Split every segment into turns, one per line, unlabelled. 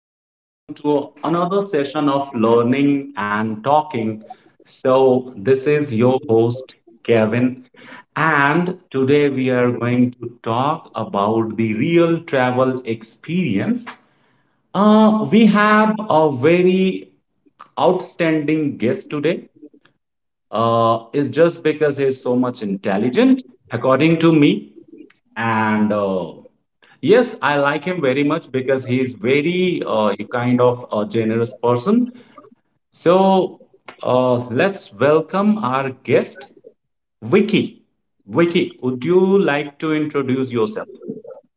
and welcome to another session of learning and talking. So, this is your host, Kevin, and today we are going to talk about the real travel experience. We have a very outstanding guest today. It's just because he's so much intelligent, according to me and yes, I like him very much because he is very kind of a generous person. So uh, let's welcome our guest, Vicky. Vicky, would you like to introduce yourself?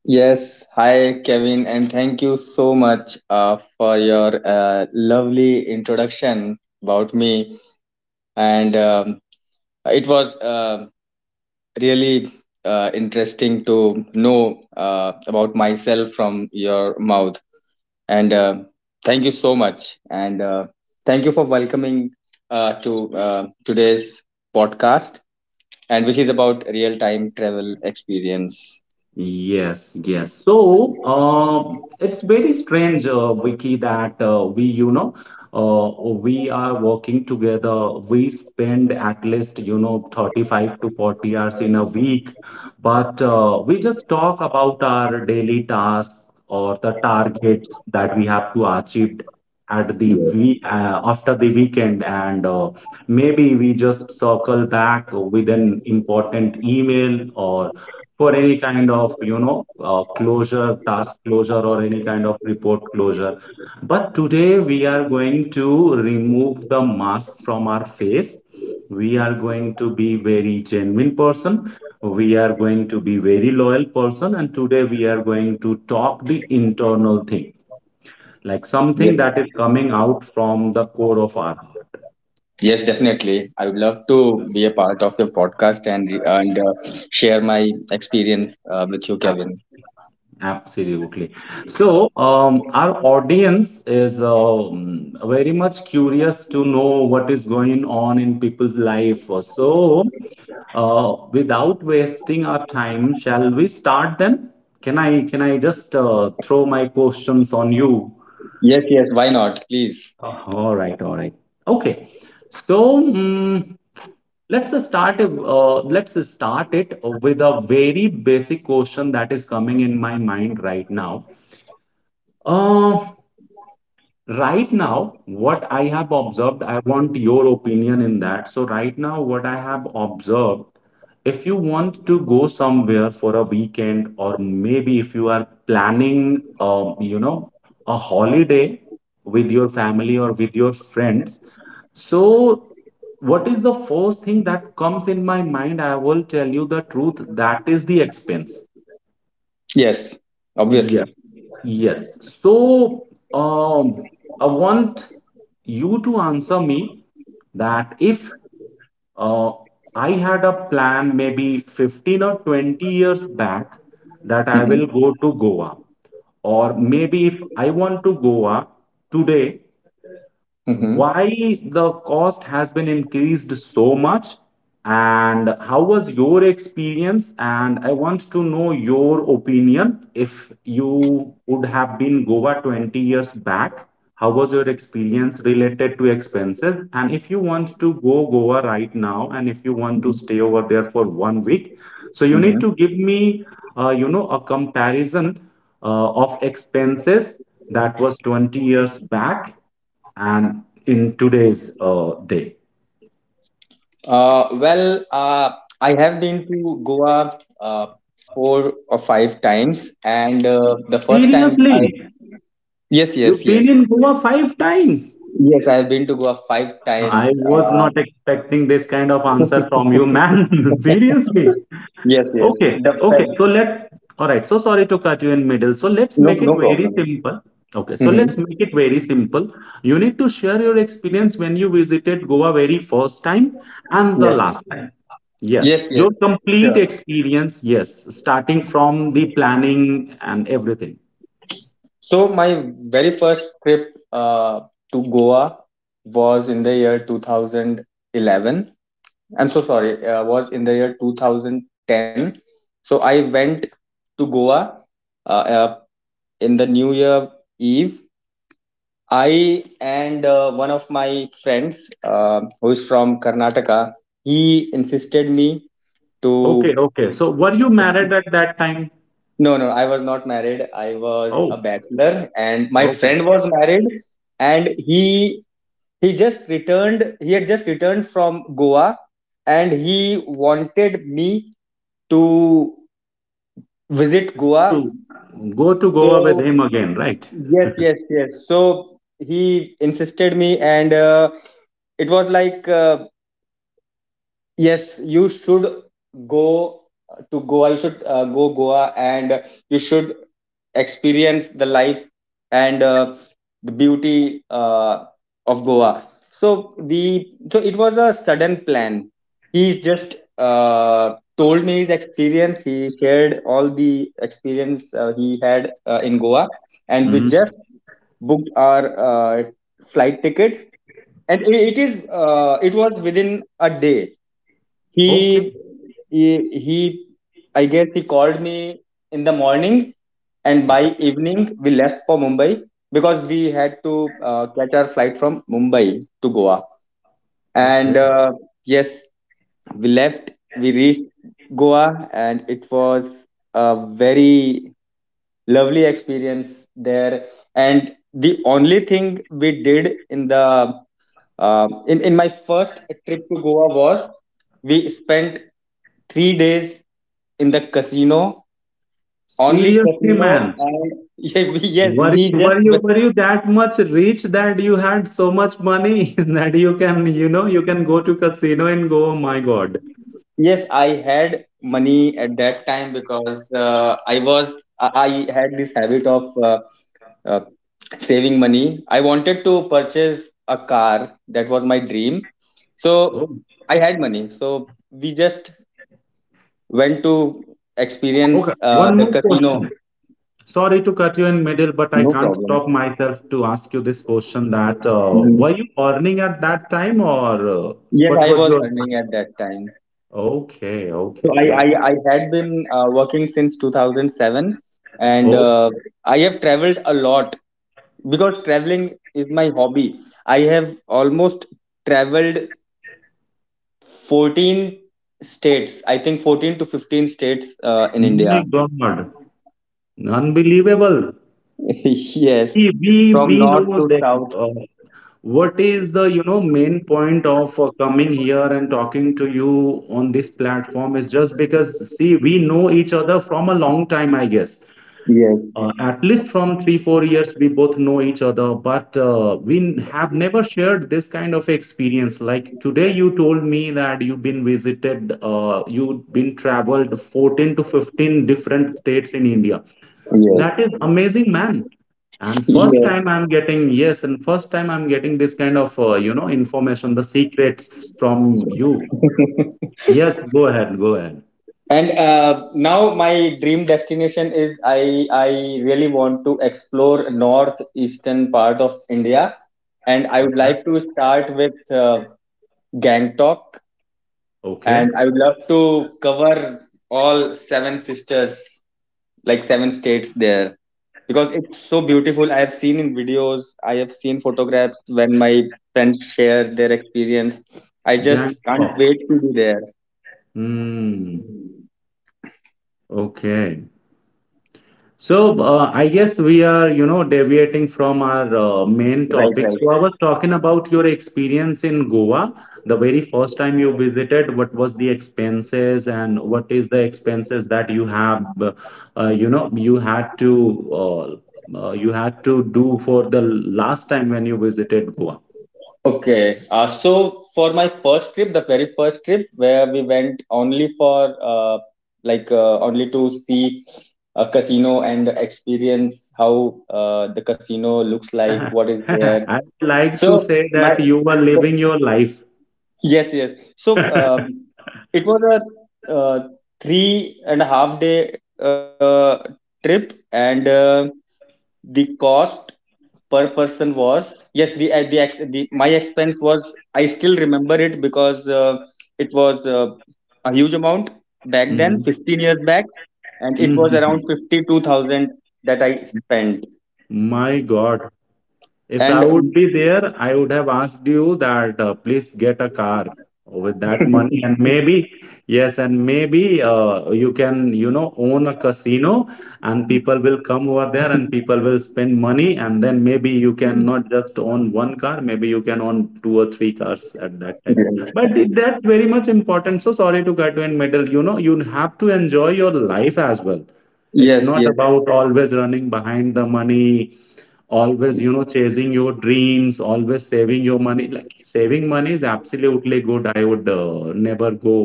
Yes, hi Kevin, and thank you so much for your lovely introduction about me. And it was really interesting to know about myself from your mouth. And thank you so much. And thank you for welcoming to today's podcast, and which is about real time travel experience.
Yes, yes. So, it's very strange, Vicky, that we are working together. We spend at least, 35 to 40 hours in a week, but we just talk about our daily tasks or the targets that we have to achieve at the we after the weekend, and maybe we just circle back with an important email or for any kind of closure, task closure or any kind of report closure. But today we are going to remove the mask from our face. We are going to be very genuine person. We are going to be very loyal person, and today we are going to talk the internal thing, like something
Yes.
that is coming out from the core of our heart.
Yes, definitely. I would love to be a part of your podcast and share my experience with you, Kevin.
Absolutely. So, our audience is very much curious to know what is going on in people's life. So, without wasting our time, shall we start then? Can I just throw my questions on you?
Yes, yes. Why not? Please.
All right. Okay. So, let's uh, start uh, let's start it with a very basic question that is coming in my mind right now uh, right now, what I have observed, I want your opinion in that. So, right now, what I have observed, if you want to go somewhere for a weekend, or maybe if you are planning, a holiday with your family or with your friends, so what is the first thing that comes in my mind? I will tell you the truth, that is the expense.
Yes,
Yeah.
obviously.
Yes. So, um, I want you to answer me that if uh, I had a plan maybe 15 or 20 years back that I will
Hmm.
go to Goa, or maybe if I want to Goa today,
Hmm.
why the cost has been increased so much? And how was your experience? And I want to know your opinion, if you would have been Goa 20 years back, how was your experience related to expenses? And if you want to go Goa right now and if you want to stay over there for 1 week, so you need to
Hmm.
give me a comparison of expenses that was 20 years back and in today's day.
Well, I have been to Goa four or five times, and the first time I
Seriously,
yes,
you've
yes,
been
yes,
in Goa five times.
yes, I have been to Goa five times.
I was
Uh,
not expecting this kind of answer from you, man. Seriously.
yes, yes.
Okay, okay. So
The
let's, all right. So sorry to cut you in middle. So let's
No,
make it
no
very
problem.
simple. Okay, so let's
Hmm.
make it very simple. You need to share your experience when you visited Goa very first time and the
Yes.
last time. Yes,
Yes, yes,
your complete
sure.
experience. Yes, starting from the planning and everything.
So my very first trip to Goa was in the year 2011. I'm so sorry, was in the year 2010. So I went to Goa uh, uh, in the New Year Eve. I and one of my friends who is from Karnataka, he insisted me
Okay,
to
okay. So were you married at that time?
No, no, I was not married. I was
Oh,
a bachelor, and my
okay.
friend was married, and he just returned. He had just returned from Goa, and he wanted me to visit
Go to
Goa.
go to Goa with
So
him again, right?
yes, yes, yes. So he insisted me, and it was like yes, you should go to Goa. You should go Goa, and you should experience the life and the beauty of Goa. So it was a sudden plan. He just told me his experience. He shared all the experience he had in Goa, and we
Hmm.
just booked our flight tickets. And it was within a day he
Okay,
he he- I guess he called me in the morning, and by
okay,
evening we left for Mumbai because we had to catch our flight from Mumbai to Goa. And
okay.
Yes, we left. We reached Goa, and it was a very lovely experience there. And the only thing we did in the in my first trip to Goa was we spent 3 days in the casino, only
Seriously,
casino,
man.
and yeah, yes,
Were you, were you were you that much rich that you had so much money that you can, you know, you can go to casino and go? Oh my God!
yes, I had money at that time because I was I had this habit of uh, saving money. I wanted to purchase a car. That was my dream. So
Oh,
I had money. So we just went to
okay.
experience
One
the
more
casino.
question. Sorry to cut you in middle, but I
No
can't
problem.
stop myself to ask you this question. That were
Mhm.
you earning at that time or
Yes,
what
I
was
was
your?
earning at that time.
Okay,
So
okay, yes.
I had been working since 2007 and
Oh
I have traveled a lot because traveling is my hobby. I have almost traveled 14 states, I think 14 to 15 states in
my
India.
God! Unbelievable.
Yes,
See, we
from
we
north
know
to
that.
south.
uh, What is the, you know, main point of coming here and talking to you on this platform is just because, see, we know each other from a long time, I guess.
Yes,
At least from three, 4 years, we both know each other, but we have never shared this kind of experience. Like today, you told me that you've been visited, you've been traveled 14 to 15 different states in India.
yes,
That is amazing, man. And
yes.
first time I'm getting, yes, and first time I'm getting this kind of, information, the secrets from you. Yes, go ahead, go ahead.
And now my dream destination is I really want to explore northeastern part of India. And I would
Okay.
like to start with Gangtok, and
Okay.
I would love to cover all seven sisters, like seven states there, because it's so beautiful. I have seen in videos, I have seen photographs when my friends share their experience. I
Gang
just can't
talk.
wait to be there.
Hmm. Okay. So, I guess we are, you know, deviating from our main
Right,
topic.
right.
So, I was talking about your experience in Goa, the very first time you visited. What was the expenses, and what is the expenses that you have, you know, you had to do for the last time when you visited Goa.
Okay. So for my first trip, the very first trip where we went only for like only to see a casino and experience how the casino looks like, what is there.
I would like
So
to say
my
that you were
the,
living your life.
yes, yes. So um, it was a three and a half day trip, and the cost per person was, yes, the, ex, the my expense was. I still remember it because it was a huge amount back then,
Mhm.
15 years back, and it was around
Mhm.
52,000 that I spent.
My God. If
And
I would be there, I would have asked you that please get a car with that money, and maybe, yes, and maybe you can, you know, own a casino, and people will come over there and people will spend money, and then maybe you can not just own one car, maybe you can own two or three cars at that time. That's very much important. So sorry to cut you in middle, you know, you have to enjoy your life as well. It's
Yes,
not
yes.
about always running behind the money, always, you know, chasing your dreams, always saving your money. Like saving money is absolutely good. I would never go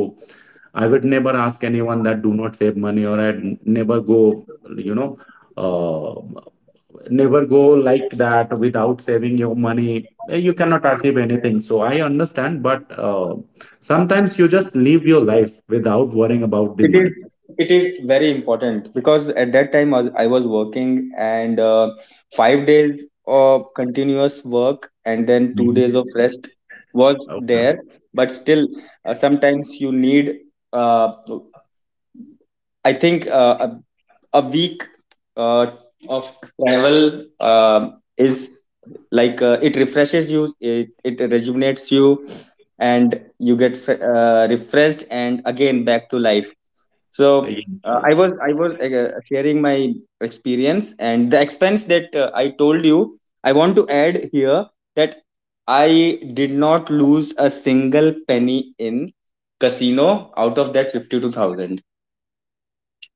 i would never ask anyone that do not save money, or I'd never go, uh, never go like that without saving your money. Eh, you cannot achieve anything, so I understand, but sometimes you just live your life without worrying about the
it is
money.
it is very important because at that time I was working, and 5 days of continuous work and then 2 days
Mhm.
of rest was there,
Okay,
but still sometimes you need uh, I think a week uh, of travel uh, is like it refreshes you. It rejuvenates you, and you get refreshed, and again back to life. So
yes,
I
yes.
was I was sharing my experience and the expense that I told you. I want to add here that I did not lose a single penny in casino out of that 52,000.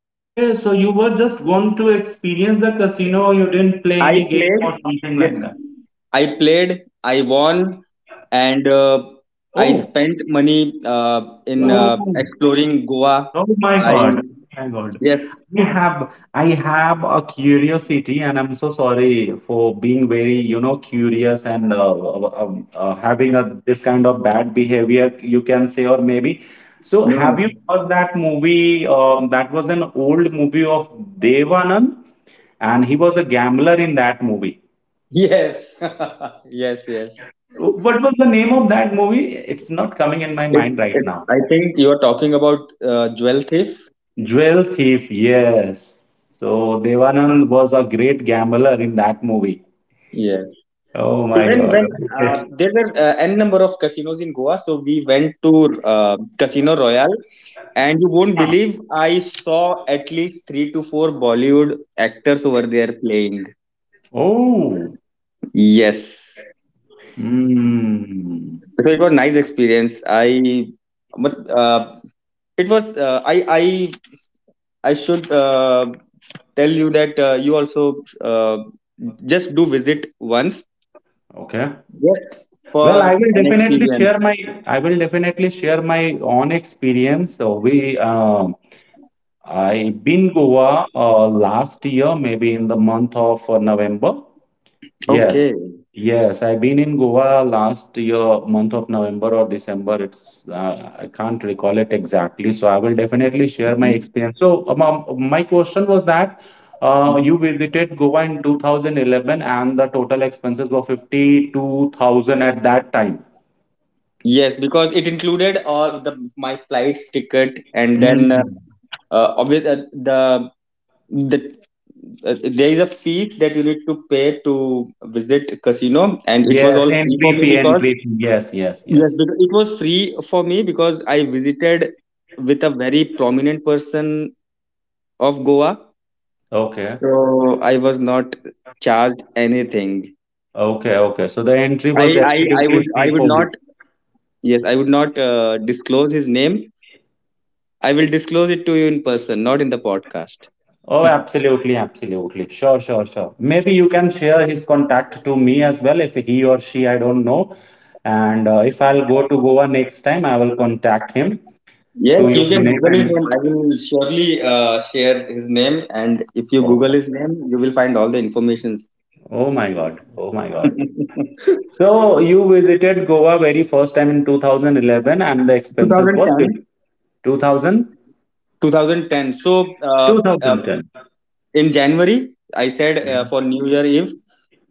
Okay, so you were just going to experience the casino, you didn't play
I
any game
played.
or something
Yes.
like that.
I played. I won, and I
Oh,
spent money in
oh,
exploring Goa.
oh my
I
God, oh my God.
Yes.
I have a curiosity, and I'm so sorry for being very, you know, curious and having a this kind of bad behavior, you can say, or maybe. So,
No, no.
have you heard that movie? That was an old movie of Devanand, and he was a gambler in that movie.
Yes. Yes, yes.
What was the name of that movie? It's not coming in my
It,
mind right now.
I think you are talking about Jewel Thief.
Jewel Thief, yes. So Devanand was a great gambler in that movie.
Yeah.
Oh my
Even
God.
when
Okay.
there were n number of casinos in Goa, so we went to Casino Royale, and you won't believe I saw at least three to four Bollywood actors over there playing.
Oh.
Yes.
Hmm.
So it was nice experience. But it was I I should tell you that you also uh, just do visit once.
Okay.
Just for
Well, I will
an
definitely share
experience.
my I will definitely share my own experience. So we I been Goa last year, maybe in the month of November. Yes,
Okay.
yes, I've been in Goa last year, month of November or December. It's I can't recall it exactly, so I will definitely share my
Mhm.
experience. So, my question was that you visited Goa in 2011, and the total expenses were 52,000 at that time.
Yes, because it included all the my flights ticket, and then
Mhm.
obvious the the there is a fee that you need to pay to visit casino, and it was
Yes,
all free for
entry
me
fee,
because
entry fee. Yes, yes, yes.
yes, because it was free for me because I visited with a very prominent person of Goa,
Okay,
so I was not charged anything.
okay. So the
I I
entry was
I would
absolutely
not
free for you.
Yes, I would not disclose his name. I will disclose it to you in person, not in the podcast.
Oh, absolutely, absolutely. Sure, sure, sure. Maybe you can share his contact to me as well if he or she, I don't know. And if I'll go to Goa next time, I will contact him
Yes,
through your
you can
name
Google his
and
name. I will surely share his name, and if you Google his
okay.
name, you will find all the informations.
Oh my God. Oh my God.
2010.
So you visited Goa very first time in 2011, and the expenses was 2000
2010. So
two
uh,
thousand ten.
in January, I said for
Mhm.
New Year Eve,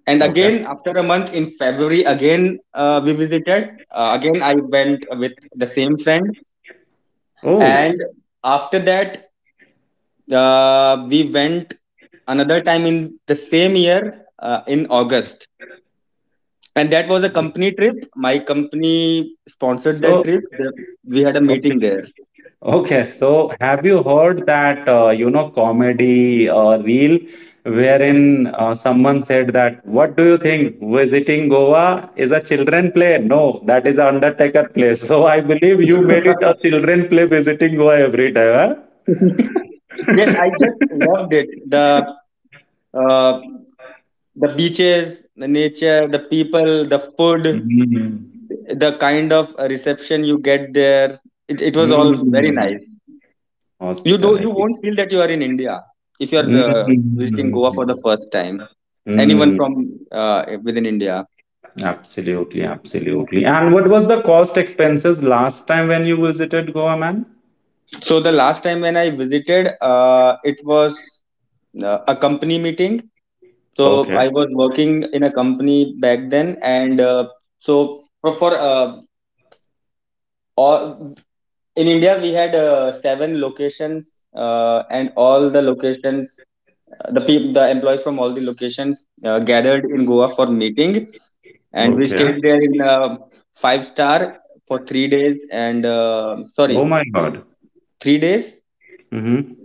and
Okay.
again after a month in February, again we visited. Again, I went with the same friend,
Oh,
and after that we went another time in the same year in August, and that was a company trip. My company sponsored that
so
trip. We had a
okay.
meeting there.
Okay, so have you heard that comedy reel wherein someone said that what do you think visiting Goa is a children play? No, that is an Undertaker play. So I believe you made it a children play visiting Goa every day,
Yes,
huh?
I just loved it. Uh, the beaches, the nature, the people, the food,
Mm.
the kind of reception you get there. It was all very
Mm,
nice. You
hospitality.
won't feel that you are in India if you are visiting
Mm,
Goa for the first time, anyone
mm,
from uh, within India.
absolutely, absolutely. And what was the cost expenses last time when you visited Goa, man?
So the last time when I visited it was a company meeting. So
Okay.
I was working in a company back then, and so for all in India we had seven locations and all the locations, the people, the employees from all the locations gathered in Goa for meeting, and we
Okay.
stayed there in a five star for 3 days. And sorry,
Oh my God.
3 days.
Hmm.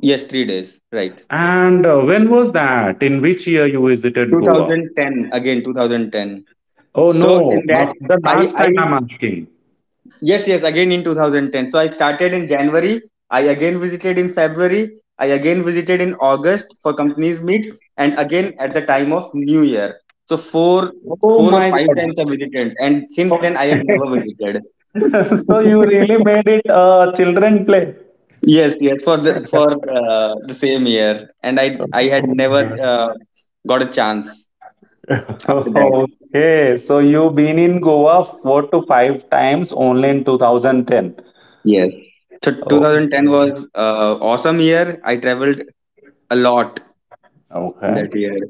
Yes, 3 days, right.
And when was that? In which year you visited Goa?
2010, again 2010.
Oh
So
no,
in that
after the
I
last
I
time I'm asking.
Yes, yes, again in 2010. So I started in January. I again visited in February. I again visited in August for companies meet, and again at the time of New Year. So four
Oh
four or
my
five
God.
times I visited, and since then I have
Okay.
never visited.
So you really made it a children play.
Yes, yes, for the same year, and I had
Oh
never
my
got a chance after that.
God. Okay, so you've been in Goa four to five times only in 2010.
Yes. So
Oh,
2010 was awesome year. I traveled a lot
okay.
that year,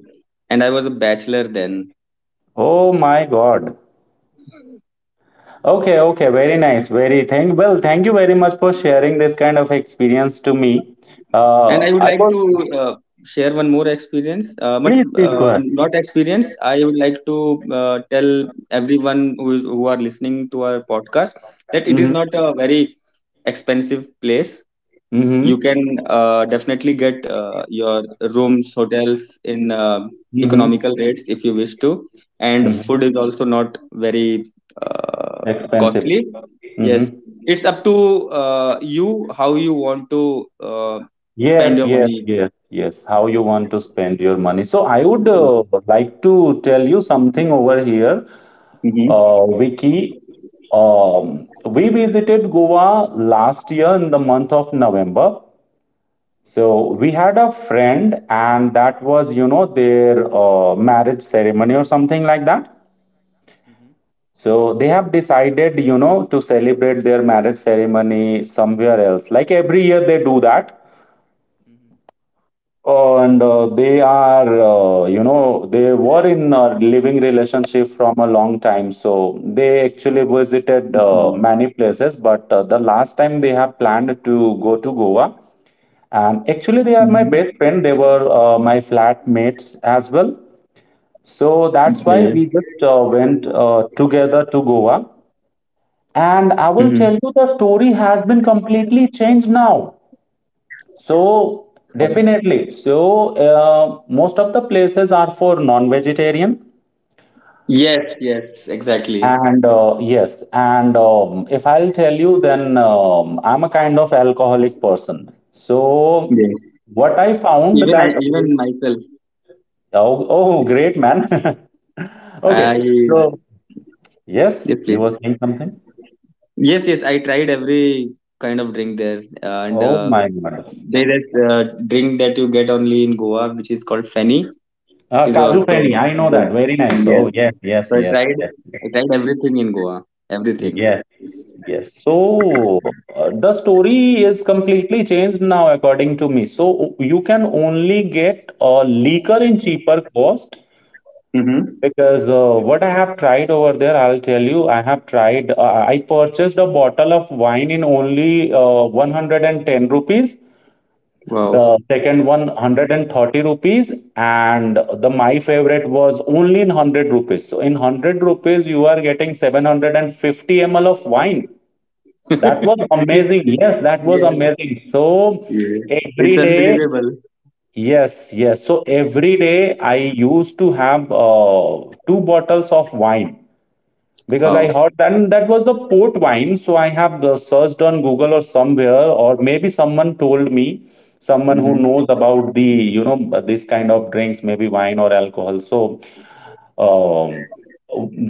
and I was a bachelor then.
Oh my God. Okay, okay, very nice, very thank. Well, thank you very much for sharing this kind of experience to me.
And I would
I
like
was
to uh, share one more experience but
please, please go
uh,
ahead.
not experience. I would like to tell everyone who are listening to our podcast that it is
Mm-hmm,
not a very expensive place. You
mm-hmm,
can definitely get your rooms, hotels in
mm-hmm,
economical rates if you wish to, and
mm-hmm.
food is also not very uh,
Expensive.
costly. Yes,
Mm-hmm.
it's up to you how you want to spend
Yes,
your
yes,
money.
yes, yes. How you want to spend your money? So I would like to tell you something over here, Vicky.
Mhm.
We visited Goa last year in the month of November. So we had a friend, and that was, their marriage ceremony or something like that. So they have decided, to celebrate their marriage ceremony somewhere else, like every year they do that. And they are, they were in a living relationship from a long time. So they actually visited many places, but the last time they have planned to go to Goa. And actually, they are
Mm-hmm.
my best friend. They were my flatmates as well. So that's
Okay.
why we just went together to Goa. And I
Mm-hmm.
will tell you the story has been completely changed now. So definitely. So most of the places are for non-vegetarian.
Yes, yes, exactly.
And yes, and if I'll tell you, then I'm a kind of alcoholic person. So
Yes.
what I found
Even I,
that,
even myself,
yeah, oh, oh, great man.
I
Okay. So, yes,
yes,
you were
please.
saying something?
Yes, yes. I tried every kind of drink there, and
Oh my God.
there is a drink that you get only in Goa, which is called Feni, is
Kaju
also
Feni, I know
good.
that. Very nice.
Yes.
Oh, yes, yes,
So I
yes,
tried,
yes.
I tried everything in Goa, everything.
Yes, yes. So the story is completely changed now, according to me. So you can only get a liquor in cheaper cost
Mm-hmm.
because what I have tried over there, I'll tell you. I have tried. I purchased a bottle of wine in only 110 rupees.
Wow.
The second one 130 rupees, and the my favorite was only in 100 rupees. So in 100 rupees you are getting 750 ml of wine. That was
Which is
amazing. Yes, that was
Yes,
amazing. So
yes. It's
every day,
unbelievable.
yes, yes. So every day I used to have 2 bottles of wine. Because I
Wow.
heard that and that was the port wine, so I have searched on Google or somewhere, or maybe someone told me, someone who knows about the this kind of drinks, maybe wine or alcohol. So um,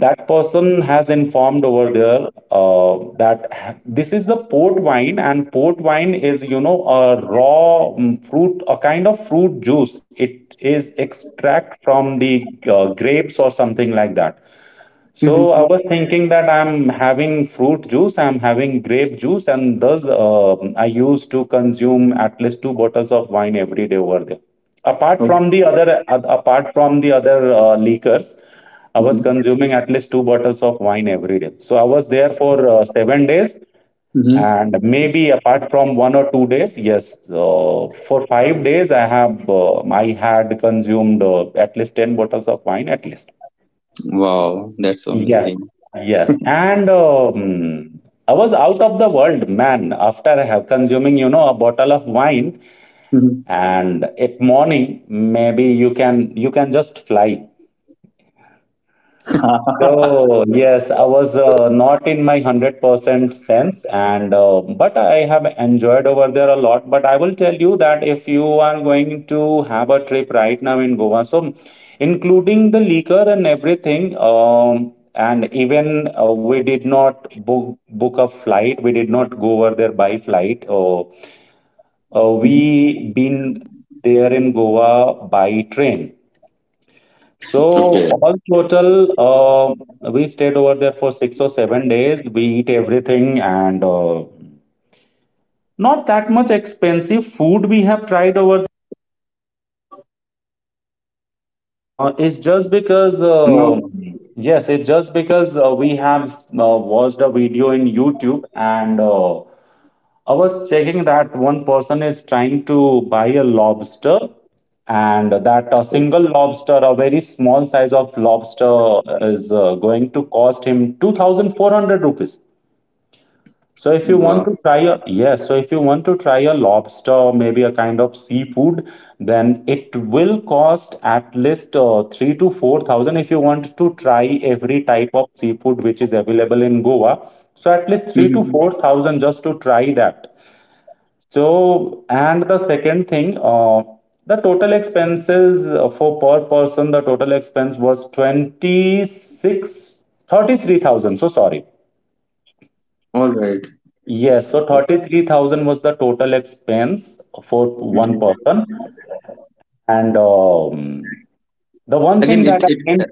that person has informed over there that this is the port wine, and port wine is, you know, a raw fruit, a kind of fruit juice. It is extract from the grapes or something like that. So I
Mm-hmm.
was thinking that I'm having fruit juice, I'm having grape juice, and thus I used to consume at least 2 bottles of wine every day over there. Apart from the other liquors, I was
Mhm.
consuming at least 2 bottles of wine every day. So I was there for 7 days,
Mhm.
and maybe apart from 1 or 2 days, yes, for 5 days I have I had consumed at least 10 bottles of wine at least.
Wow, that's so
Yes,
amazing.
yes. And I was out of the world, man, after I have consuming, you know, a bottle of wine
Mhm.
and at morning, maybe you can just fly. So yes, I was not in my 100% sense and but I have enjoyed over there a lot. But I will tell you that if you are going to have a trip right now in Goa, so including the liquor and everything, and even we did not book a flight. We did not go over there by flight. We been there in Goa by train.
Okay.
So all total, we stayed over there for 6 or 7 days. We eat everything and not that much expensive food we have tried over. Uh, it's just because,
Now,
uh, yes, it's just because we have watched a video in YouTube and I was checking that one person is trying to buy a lobster, and that a single lobster, a very small size of lobster, is going to cost him 2,400 rupees. So if you want
wow.
to try a yes, so if you want to try a lobster, maybe a kind of seafood, then it will cost at least 3 to 4 thousand if you want to try every type of seafood which is available in Goa. So at least three to
Mhm.
four thousand just to try that. So, and the second thing, the total expense was 26 33,000. So, sorry.
All right.
Yes, so 33,000 was the total expense for one
Mhm.
person. And the one thing
Again,
that
it,
I
it
didn't,
it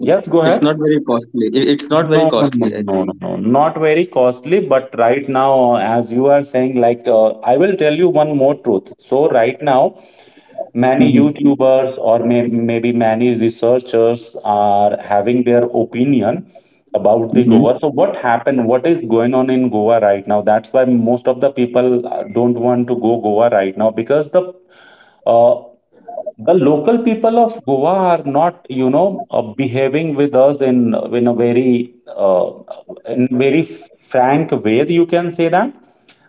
yes, go
it's not
ahead.
very costly. It's not very
No, no, no,
costly, I
no, no,
think.
no, not very costly, but right now, as you are saying, like, I will tell you one more truth. So, right now, many
Hmm.
YouTubers or maybe many researchers are having their opinion about the Goa.
Hmm.
So what happened? What is going on in Goa right now? That's why most of the people don't want to go Goa right now because uh, the local people of Goa are not, you know, behaving with us in a very in very frank way, you can say that.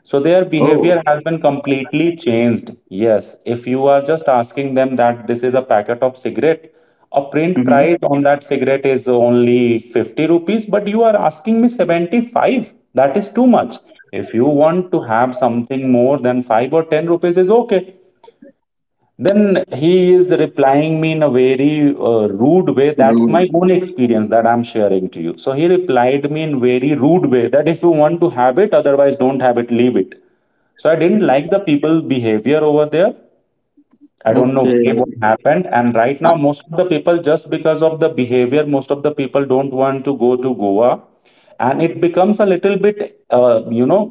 So their
Oh.
behavior has been completely changed. Yes, if you are just asking them that this is a packet of cigarette, a print price
Hmm.
on that cigarette is only 50 rupees, but you are asking me 75. That is too much. If you want to have something more than 5 or 10 rupees is okay, then he is replying me in a very rude way. That's
Rude.
my own experience that I'm sharing to you. So he replied me in very rude way that if you want to have it, otherwise don't have it, leave it. So I didn't like the people's behavior over there. I don't know why, what
Okay.
happened, and right now
Uh,
most of the people, just because of the behavior, most of the people don't want to go to Goa, and it becomes a little bit,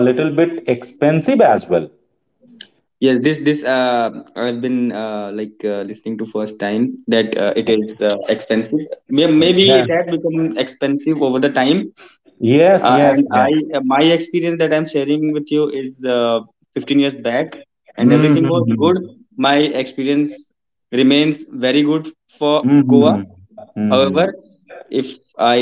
a little bit expensive as well.
yes. This I've been like listening to first time that it is expensive. Maybe
Yeah.
it has become expensive over the time.
Yes, yes,
And
yes.
my experience that I'm sharing with you is 15 years back, and
Mhm,
everything was
mhm.
good. My experience remains very good for Goa.
Mhm, mhm.
However, if I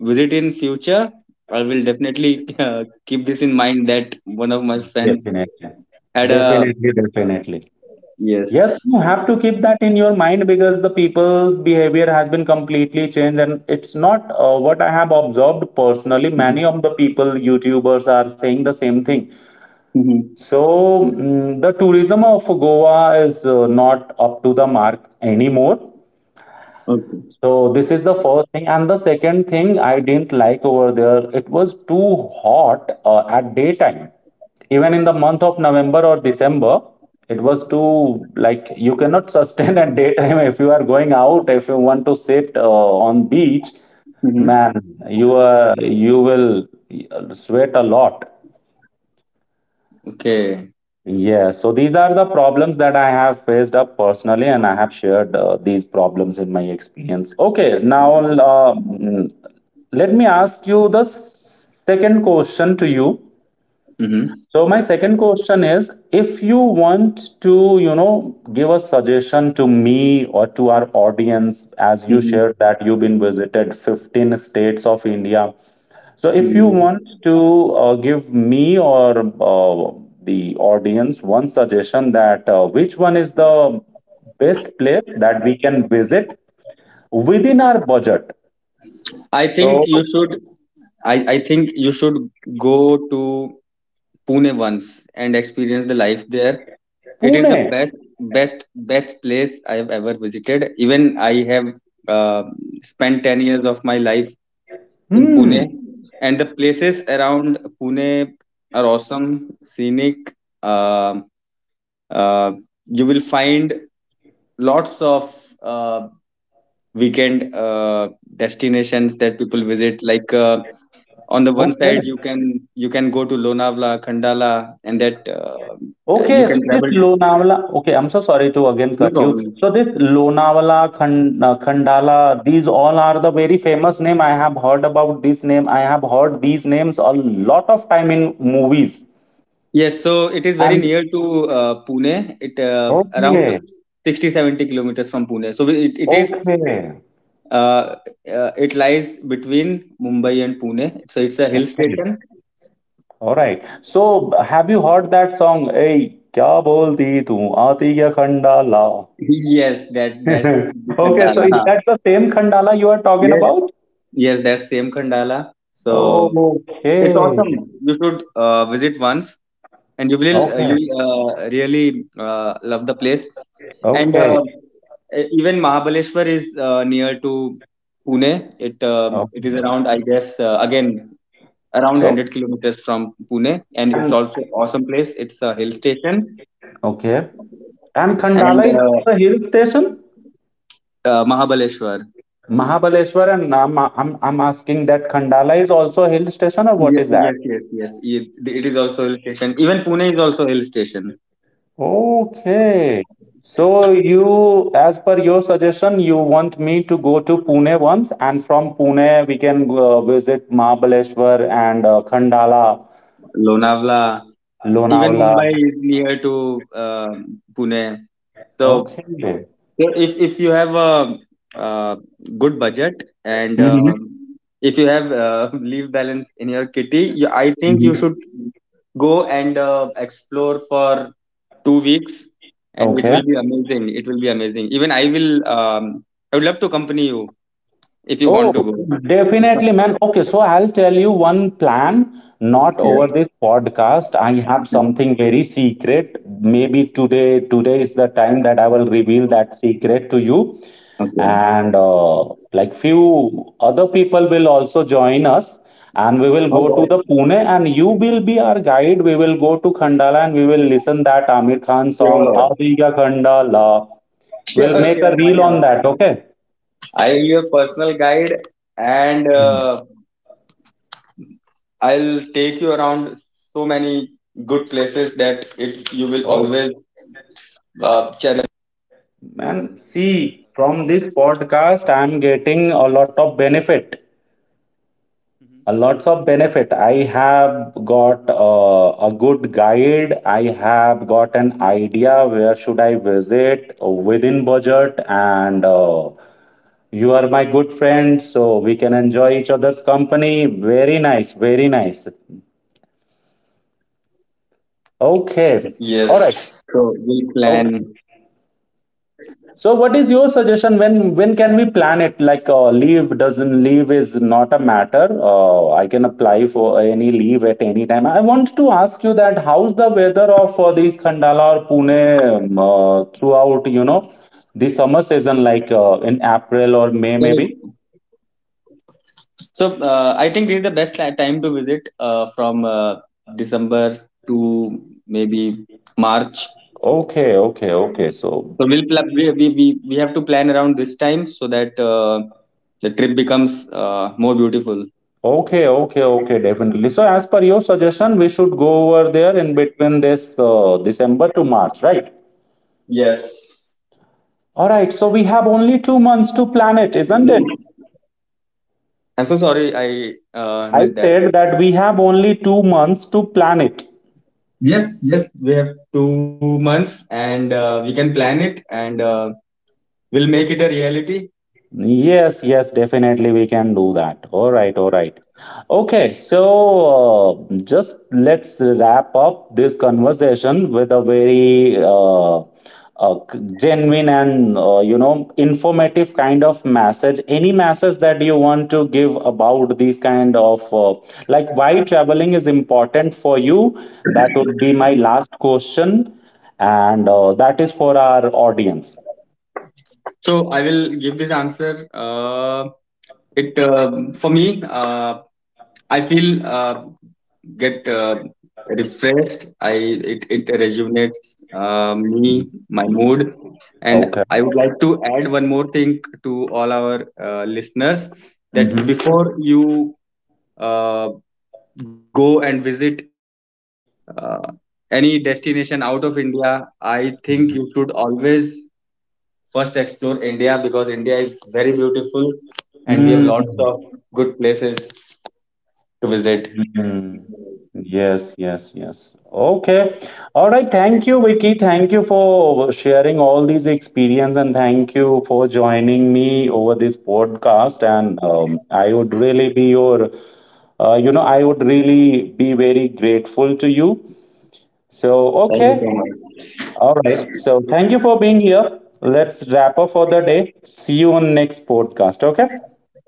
visit in future, I will definitely keep this in mind that one of my friends
Definitely.
had a
Definitely, definitely. Yes,
yes.
you have to keep that in your mind because the people's behavior has been completely changed, and it's not what I have observed personally. Many of
Mm-hmm.
the people, YouTubers, are saying the same thing. So, the tourism of Goa is not up to the mark anymore.
Okay.
So this is the first thing, and the second thing I didn't like over there, it was too hot at daytime. Even in the month of November or December, it was too, like, you cannot sustain at daytime if you are going out, if you want to sit on beach,
Hmm.
man, you will sweat a lot.
Okay.
Yeah, so these are the problems that I have faced up personally, and I have shared these problems in my experience. Okay, now let me ask you the second question to you.
Mm-hmm.
So my second question is, if you want to, you know, give a suggestion to me or to our audience, as you
Hmm.
shared that you've been visited 15 states of India, so, if you want to give me or the audience one suggestion, that which one is the best place that we can visit within our budget.
I think
So,
you should I think you should go to Pune once and experience the life there. It is
Pune.
the best, best, best place I have ever visited. Even I have uh, spent 10 years of my life in
Hmm.
Pune, and the places around Pune are awesome, scenic. Uh, uh, you will find lots of uh, weekend destinations that people visit, like on the one
Okay.
side you can go to Lonavala, Khandala, and that you
Okay.
can
So this
travel.
Lonavala. Okay. I'm so sorry to again
No
cut you.
problem.
So this Lonavala, Khandala, these all are the very famous name. I have heard about this name. I have heard these names a lot of time in movies.
Yes, so it is very
And
near to Pune. It around
okay,
60, 70 kilometers from Pune. So
okay,
uh, it lies between Mumbai and Pune. So it's a hill
okay.
station.
All right. So, have you heard that song? Hey, क्या बोलती तू आती क्या Khandala?
Yes, that's the
Okay, so
Khandala.
is that the same Khandala you are talking
Yes,
about?
yes, that's same Khandala. So it's
Okay,
awesome. You should visit once. And you will you
okay,
really love the place. And
okay,
uh, Even Mahabaleshwar is near to Pune. It is
okay.
around, I guess, again around one
So,
hundred kilometers from Pune, and it's
and
also awesome place. It's a hill station,
okay, and
and
Khandala is a hill station?
Mahabaleshwar.
Mahabaleshwar, and I'm asking that Khandala is also a hill station or what is that?
Yes, yes, yes. It is also hill station. Even Pune is also hill station.
Okay. So you, as per your suggestion, you want me to go to Pune once, and from Pune we can visit Mahabaleshwar and Khandala,
Lonavala, even
Lonavala.
Mumbai is near to Pune. So
Okay.
So if you have a, uh good budget, and
Mhm.
if you have leave balance in your kitty, you, I think you
Mhm.
should go and explore for 2 weeks, and it
Okay.
will be amazing. It will be amazing. Even I will. I would love to accompany you if you
Oh,
want to go.
definitely, man. Okay, so I'll tell you one plan, not over
Yes.
this podcast. I have something very secret. Maybe today, today is the time that I will reveal that secret to you.
Okay.
And like few other people will also join us, and we will go to the
Okay.
Pune, and you will be our guide. We will go to Khandala, and we will listen that Amir Khan song,
Sure.
Aadiga Khandala. We'll
Sure.
make
Sure.
a
Why
reel on
not?
that, okay?
I will be your personal guide, and
Mhm.
I'll take you around so many good places that it you will always uh,
And see, from this podcast, I'm getting a lot of benefit. A lots of benefit. I have got a good guide. I have got an idea where should I visit within budget, and you are my good friend, so we can enjoy each other's company. Very nice, very nice. Okay, all right.
Yes. So we plan.
Okay. So, what is your suggestion? When can we plan it? Like leave is not a matter. I can apply for any leave at any time. I want to ask you that how's the weather of these Khandala or Pune throughout? You know, the summer season, like in April or
So,
May, maybe.
so, I think this is the best time to visit from December to maybe March.
Okay, okay, okay.
So
So,
we'll pl- we have to plan around this time so that the trip becomes more beautiful.
okay, okay, okay, definitely. So, as per your suggestion, we should go over there in between this December to March, right?
Yes.
All right, so we have only 2 months to plan it, isn't it?
I'm so sorry, I missed
I
that.
said that we have only 2 months to plan it.
Yes, yes, we have 2 months, and we can plan it, and we'll make it a reality.
Yes, yes, definitely we can do that. All right, all right. Okay, so just let's wrap up this conversation with a very genuine and you know, informative kind of message. Any message that you want to give about these kind of like why traveling is important for you? That would be my last question, and that is for our audience.
So I will give this answer. It For me, I feel get refreshed. I it it rejuvenates me,
Mhm.
my mood, and
Okay.
I would like to add one more thing to all our listeners, that
Mm-hmm.
before you uh, go and visit uh, any destination out of India, I think you should always first explore India because India is very beautiful, and we have
Hmm.
lots of good places to visit.
Mm. Yes, yes, yes. Okay. All right. Thank you, Vicky. Thank you for sharing all these experience and thank you for joining me over this podcast. And I would really be your, I would really be very grateful to you. So,
Thank you so
okay.
much.
All right. So, thank you for being here. Let's wrap up for the day. See you on next podcast. Okay.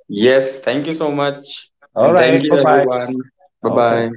Yes, thank you so much.
All
And
right.
thank you, everyone. Bye
Okay.
bye.